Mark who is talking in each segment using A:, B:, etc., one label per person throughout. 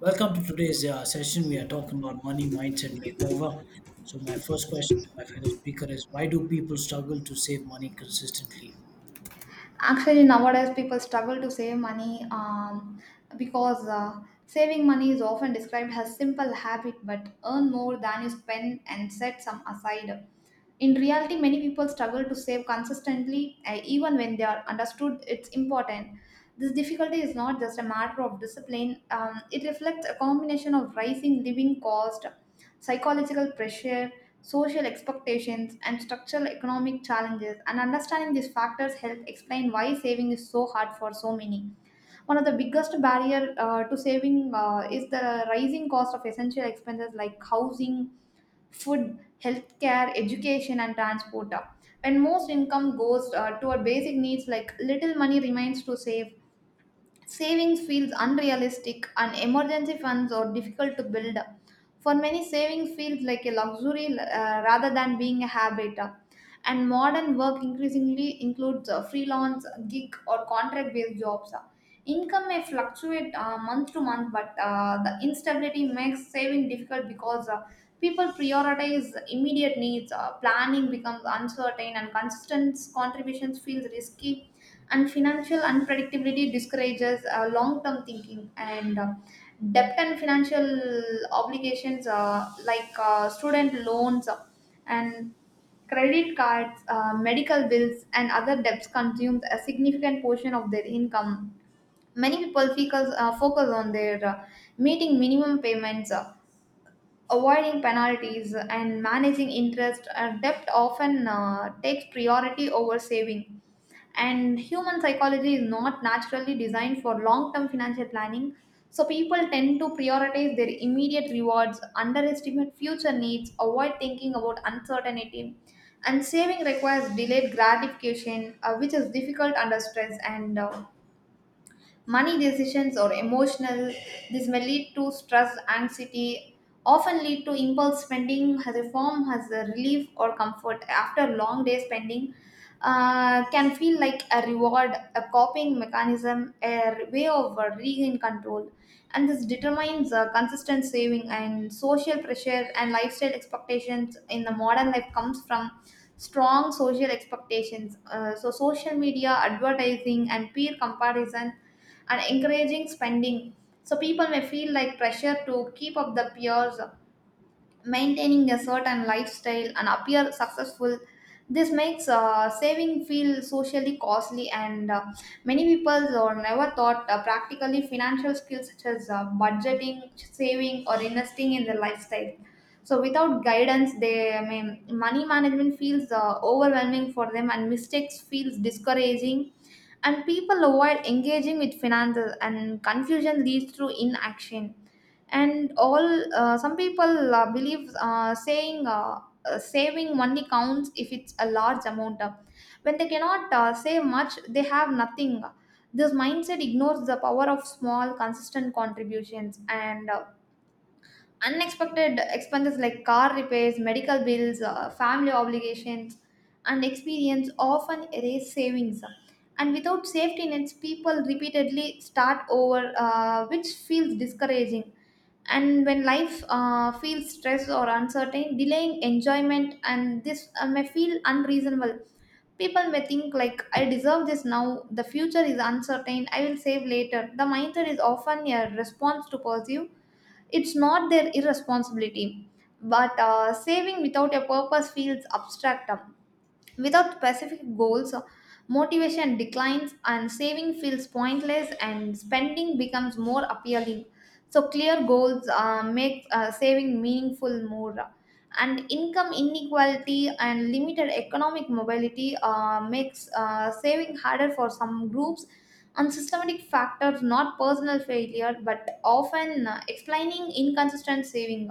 A: Welcome to today's session. We are talking about money mindset makeover. So, my first question to my fellow speaker is why do people struggle to save money consistently?
B: Actually, nowadays people struggle to save money because saving money is often described as simple habit, but earn more than you spend and set some aside. In reality, many people struggle to save consistently, even when they are understood it's important. This difficulty is not just a matter of discipline, it reflects a combination of rising living cost, psychological pressure, social expectations, and structural economic challenges. And understanding these factors help explain why saving is so hard for so many. One of the biggest barrier to saving is the rising cost of essential expenses like housing, food, healthcare, education, and transport. When most income goes toward basic needs, like little money remains to save. Savings feels unrealistic, and emergency funds are difficult to build. For many, saving feels like a luxury rather than being a habit. And modern work increasingly includes freelance, gig, or contract based jobs. Income may fluctuate month to month, but the instability makes saving difficult because people prioritize immediate needs, planning becomes uncertain, and consistent contributions feels risky, and financial unpredictability discourages long term thinking. And debt and financial obligations, like student loans and credit cards, medical bills, and other debts, consume a significant portion of their income. Many people focus on their meeting minimum payments. Avoiding penalties and managing interest or debt often takes priority over saving. And human psychology is not naturally designed for long term financial planning. So, people tend to prioritize their immediate rewards, underestimate future needs, avoid thinking about uncertainty. And saving requires delayed gratification, which is difficult under stress, and money decisions, or emotional. This may lead to stress, anxiety, often lead to impulse spending as a form as a relief or comfort after long day spending can feel like a reward, a coping mechanism, a way of regain control, and this determines consistent saving. And social pressure and lifestyle expectations in the modern life comes from strong social expectations. So social media advertising and peer comparison and encouraging spending, so people may feel like pressure to keep up the peers, maintaining a certain lifestyle and appear successful. This makes saving feel socially costly, and many people are never thought practically financial skills such as budgeting saving or investing in their lifestyle. So without guidance, they, I mean, money management feels overwhelming for them, and mistakes feels discouraging, and people avoid engaging with finances, and confusion leads to inaction. And all uh, some people believe saying saving only counts if it's a large amount. When they cannot save much, they have nothing. This mindset ignores the power of small consistent contributions, and unexpected expenses like car repairs, medical bills, family obligations, and experience often erase savings. And without safety nets, people repeatedly start over, which feels discouraging. And when life feels stressed or uncertain, delaying enjoyment, and this may feel unreasonable. People may think like I deserve this now, the future is uncertain, I will save later. The mindset is often a response to pursue, it's not their irresponsibility, but saving without a purpose feels abstract. Without specific goals, motivation declines and saving feels pointless and spending becomes more appealing. So, clear goals make saving meaningful more. And income inequality and limited economic mobility makes saving harder for some groups. And systematic factors, not personal failure, but often explaining inconsistent saving.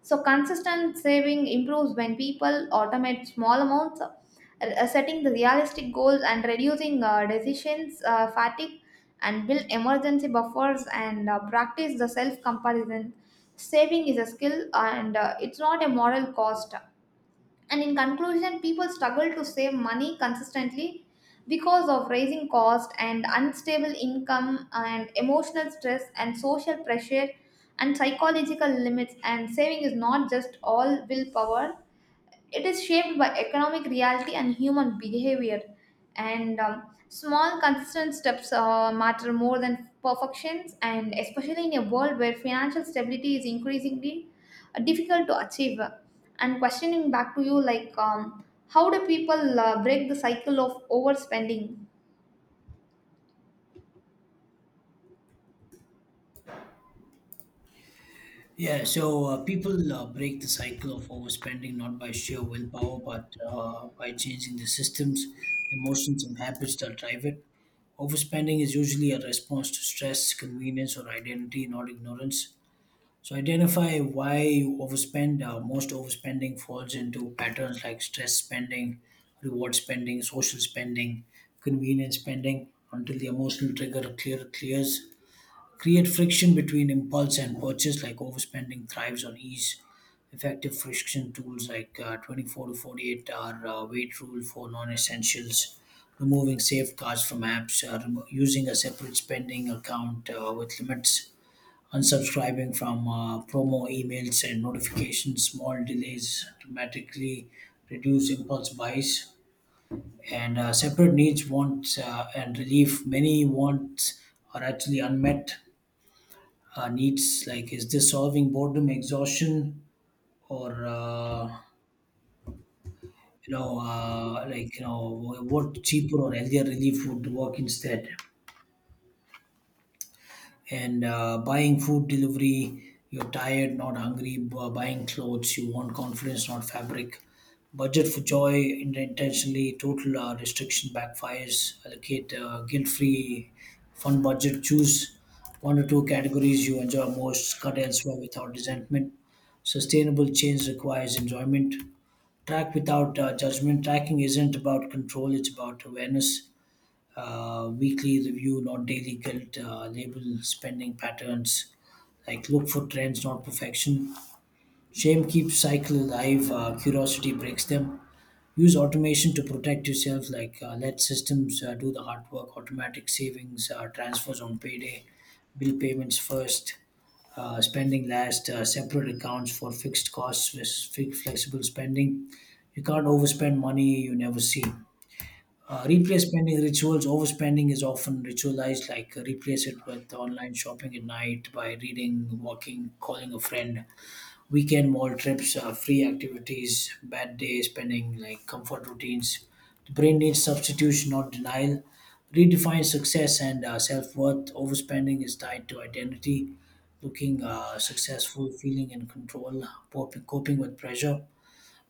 B: So, consistent saving improves when people automate small amounts, setting the realistic goals and reducing decisions fatigue, and build emergency buffers, and practice the self comparison. Saving is a skill, and it's not a moral cost. And in conclusion, people struggle to save money consistently because of rising cost and unstable income and emotional stress and social pressure and psychological limits. And saving is not just all willpower, it is shaped by economic reality and human behavior, and small, consistent steps matter more than perfections, and especially in a world where financial stability is increasingly difficult to achieve. And questioning back to you, like, how do people break the cycle of overspending?
A: Yeah, so people break the cycle of overspending not by sheer willpower, but by changing the systems, emotions, and habits that drive it. Overspending is usually a response to stress, convenience, or identity, not ignorance. So identify why you overspend. Most overspending falls into patterns like stress spending, reward spending, social spending, convenience spending until the emotional trigger clears. Create friction between impulse and purchase like overspending thrives on ease. Effective friction tools like 24 to 48 hour wait rule for non-essentials, removing safeguards from apps, using a separate spending account with limits, unsubscribing from promo emails and notifications. Small delays dramatically reduce impulse buys, and separate needs, wants, and relief. Many wants are actually unmet needs. Like, is this solving boredom, exhaustion, or what cheaper or healthier relief would work instead? And buying food delivery, you're tired not hungry, buying clothes you want confidence, not fabric. Budget for joy intentionally. Total restriction backfires. Allocate guilt-free fun budget, choose one or two categories you enjoy most, cut elsewhere without resentment. Sustainable change requires enjoyment. Track without judgment. Tracking isn't about control, it's about awareness. Weekly review, not daily guilt. Label spending patterns, like look for trends, not perfection. Shame keeps cycle alive, curiosity breaks them. Use automation to protect yourself, like let systems do the hard work. Automatic savings, transfers on payday, bill payments first, spending last, separate accounts for fixed costs versus flexible spending. You can't overspend money you never see. Replay spending rituals. Overspending is often ritualized, like replace it with online shopping at night by reading, walking, calling a friend, weekend mall trips, free activities, bad day spending, like comfort routines. The brain needs substitution, not denial. Redefine success and self worth. Overspending is tied to identity, looking successful, feeling in control, coping with pressure.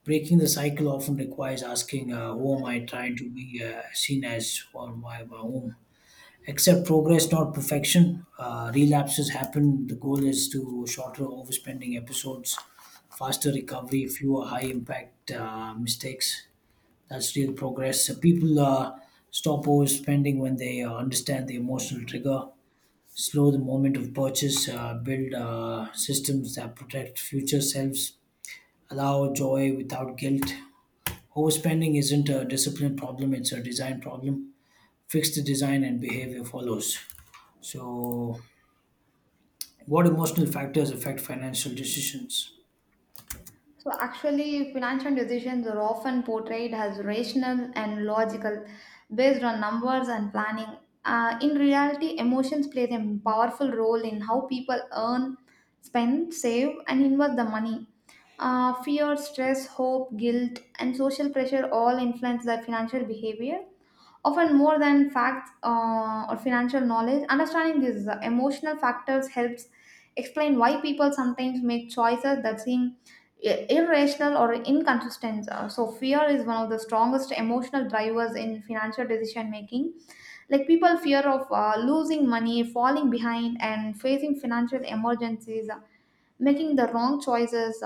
A: Breaking the cycle often requires asking, "Who am I trying to be seen as, or why?" by whom? Accept progress, not perfection. Relapses happen. The goal is to shorter overspending episodes, faster recovery, fewer high impact mistakes. That's real progress. So people stop overspending when they understand the emotional trigger. Slow the moment of purchase, build systems that protect future selves, allow joy without guilt. Overspending isn't a discipline problem, it's a design problem. Fix the design and behavior follows. So, what emotional factors affect financial decisions?
B: So actually, financial decisions are often portrayed as rational and logical, based on numbers and planning. In reality, emotions play a powerful role in how people earn, spend, save, and invest the money. Fear, stress, hope, guilt, and social pressure all influence their financial behavior, often more than facts or financial knowledge. Understanding these emotional factors helps explain why people sometimes make choices that seem irrational or inconsistent. So, fear is one of the strongest emotional drivers in financial decision making. Like, people fear of losing money, falling behind, and facing financial emergencies, making the wrong choices.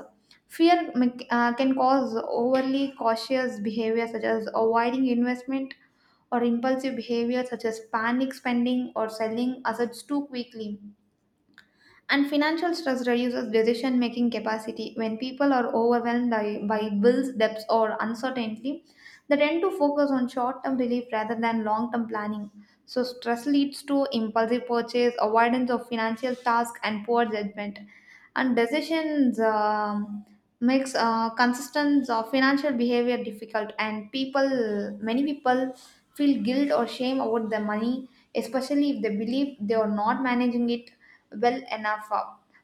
B: Fear can cause overly cautious behavior such as avoiding investment, or impulsive behavior such as panic spending or selling assets too quickly. And financial stress reduces decision making capacity. When people are overwhelmed by bills, debts, or uncertainty, they tend to focus on short term relief rather than long term planning. So, stress leads to impulsive purchase, avoidance of financial tasks, and poor judgment. And decisions makes consistent of financial behavior difficult, and many people feel guilt or shame about their money, especially if they believe they are not managing it well enough.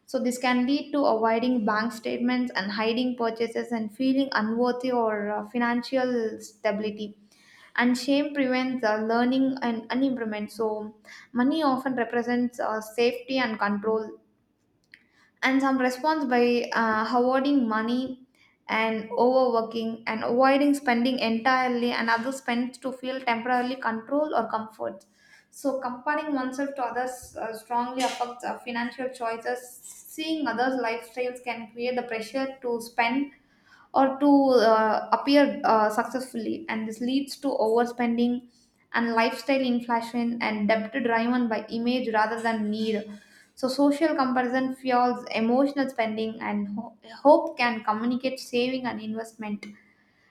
B: So this can lead to avoiding bank statements and hiding purchases and feeling unworthy or financial stability. And shame prevents learning and improvement. So money often represents safety and control, and some response by hoarding money and overworking and avoiding spending entirely, and others spend to feel temporarily control or comfort. So comparing oneself to others strongly affects our financial choices. Seeing others lifestyles can create the pressure to spend or to appear successfully, and this leads to overspending and lifestyle inflation and debt driven by image rather than need. So social comparison fuels emotional spending, and hope can communicate saving and investment,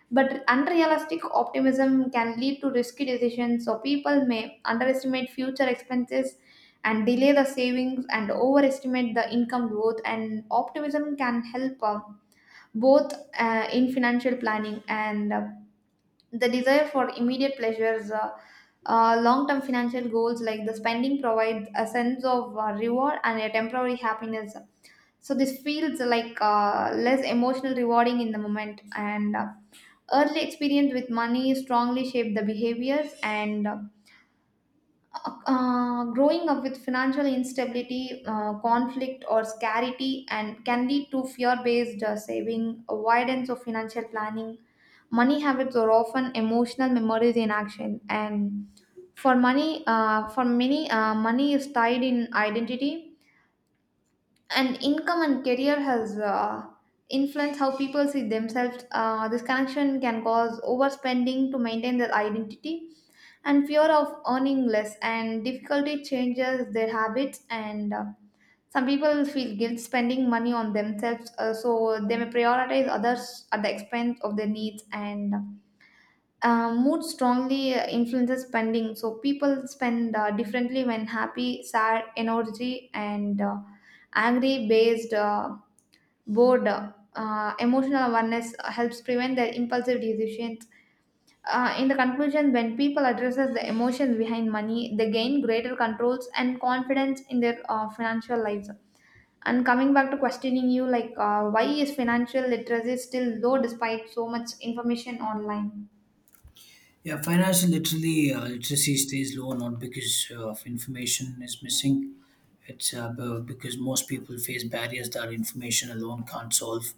B: but unrealistic optimism can lead to risky decisions. So people may underestimate future expenses and delay the savings and overestimate the income growth, and optimism can help both in financial planning, and the desire for immediate pleasures. Long-term financial goals like the spending provide a sense of reward and a temporary happiness. So this feels like less emotional rewarding in the moment, and early experience with money strongly shape the behaviors, and growing up with financial instability, conflict or scarcity, and can lead to fear-based saving, avoidance of financial planning. Money habits are often emotional memories in action, and for money, for many, money is tied in identity, and income and career has influenced how people see themselves. This connection can cause overspending to maintain their identity, and fear of earning less, and difficulty changes their habits and. Some people feel guilt spending money on themselves, so they may prioritize others at the expense of their needs, and mood strongly influences spending. So people spend differently when happy, sad, energy, and angry based, bored. Emotional awareness helps prevent their impulsive decisions. In the conclusion, when people addresses the emotions behind money, they gain greater controls and confidence in their financial lives. And coming back to questioning you, like why is financial literacy still low despite so much information online?
A: Yeah, financial literally literacy stays low not because of information is missing. It's because most people face barriers that information alone can't solve.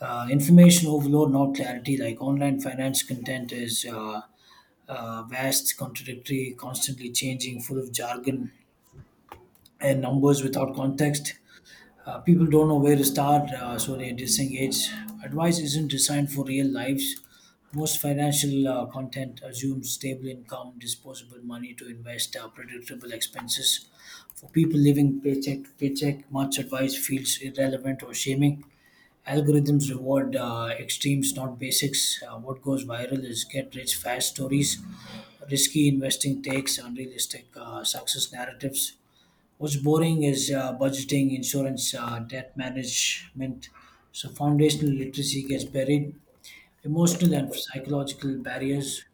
A: Information overload, not clarity. Like online finance content is vast, contradictory, constantly changing, full of jargon and numbers without context. People don't know where to start, so they disengage. Advice isn't designed for real lives. Most financial content assumes stable income, disposable money to invest, predictable expenses. For people living paycheck to paycheck, much advice feels irrelevant or shaming. Algorithms reward extremes, not basics. What goes viral is get rich fast stories, risky investing takes, unrealistic success narratives. What's boring is budgeting, insurance, debt management. So foundational literacy gets buried. Emotional and psychological barriers.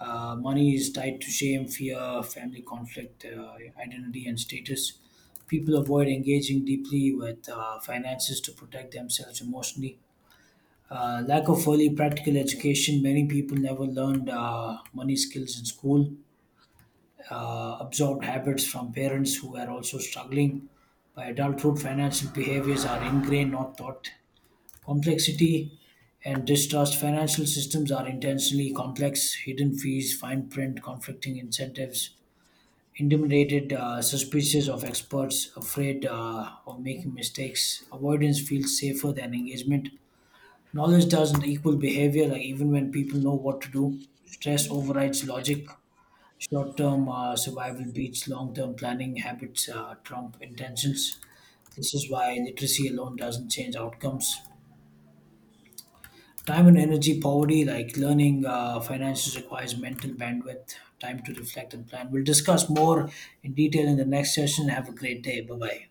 A: Money is tied to shame, fear, family conflict, identity, and status. People avoid engaging deeply with finances to protect themselves emotionally. Lack of early practical education. Many people never learned money skills in school, absorbed habits from parents who are also struggling. By adulthood, financial behaviors are ingrained, not taught. Complexity and distrust. Financial systems are intentionally complex. Hidden fees, fine print, conflicting incentives. Intimidated, suspicious of experts, afraid of making mistakes. Avoidance feels safer than engagement. Knowledge doesn't equal behavior, like even when people know what to do, stress overrides logic. Short term survival beats long term planning, habits Trump intentions. This is why literacy alone doesn't change outcomes. Time and energy poverty, like learning finances, requires mental bandwidth, time to reflect and plan. We'll discuss more in detail in the next session. Have a great day. Bye bye.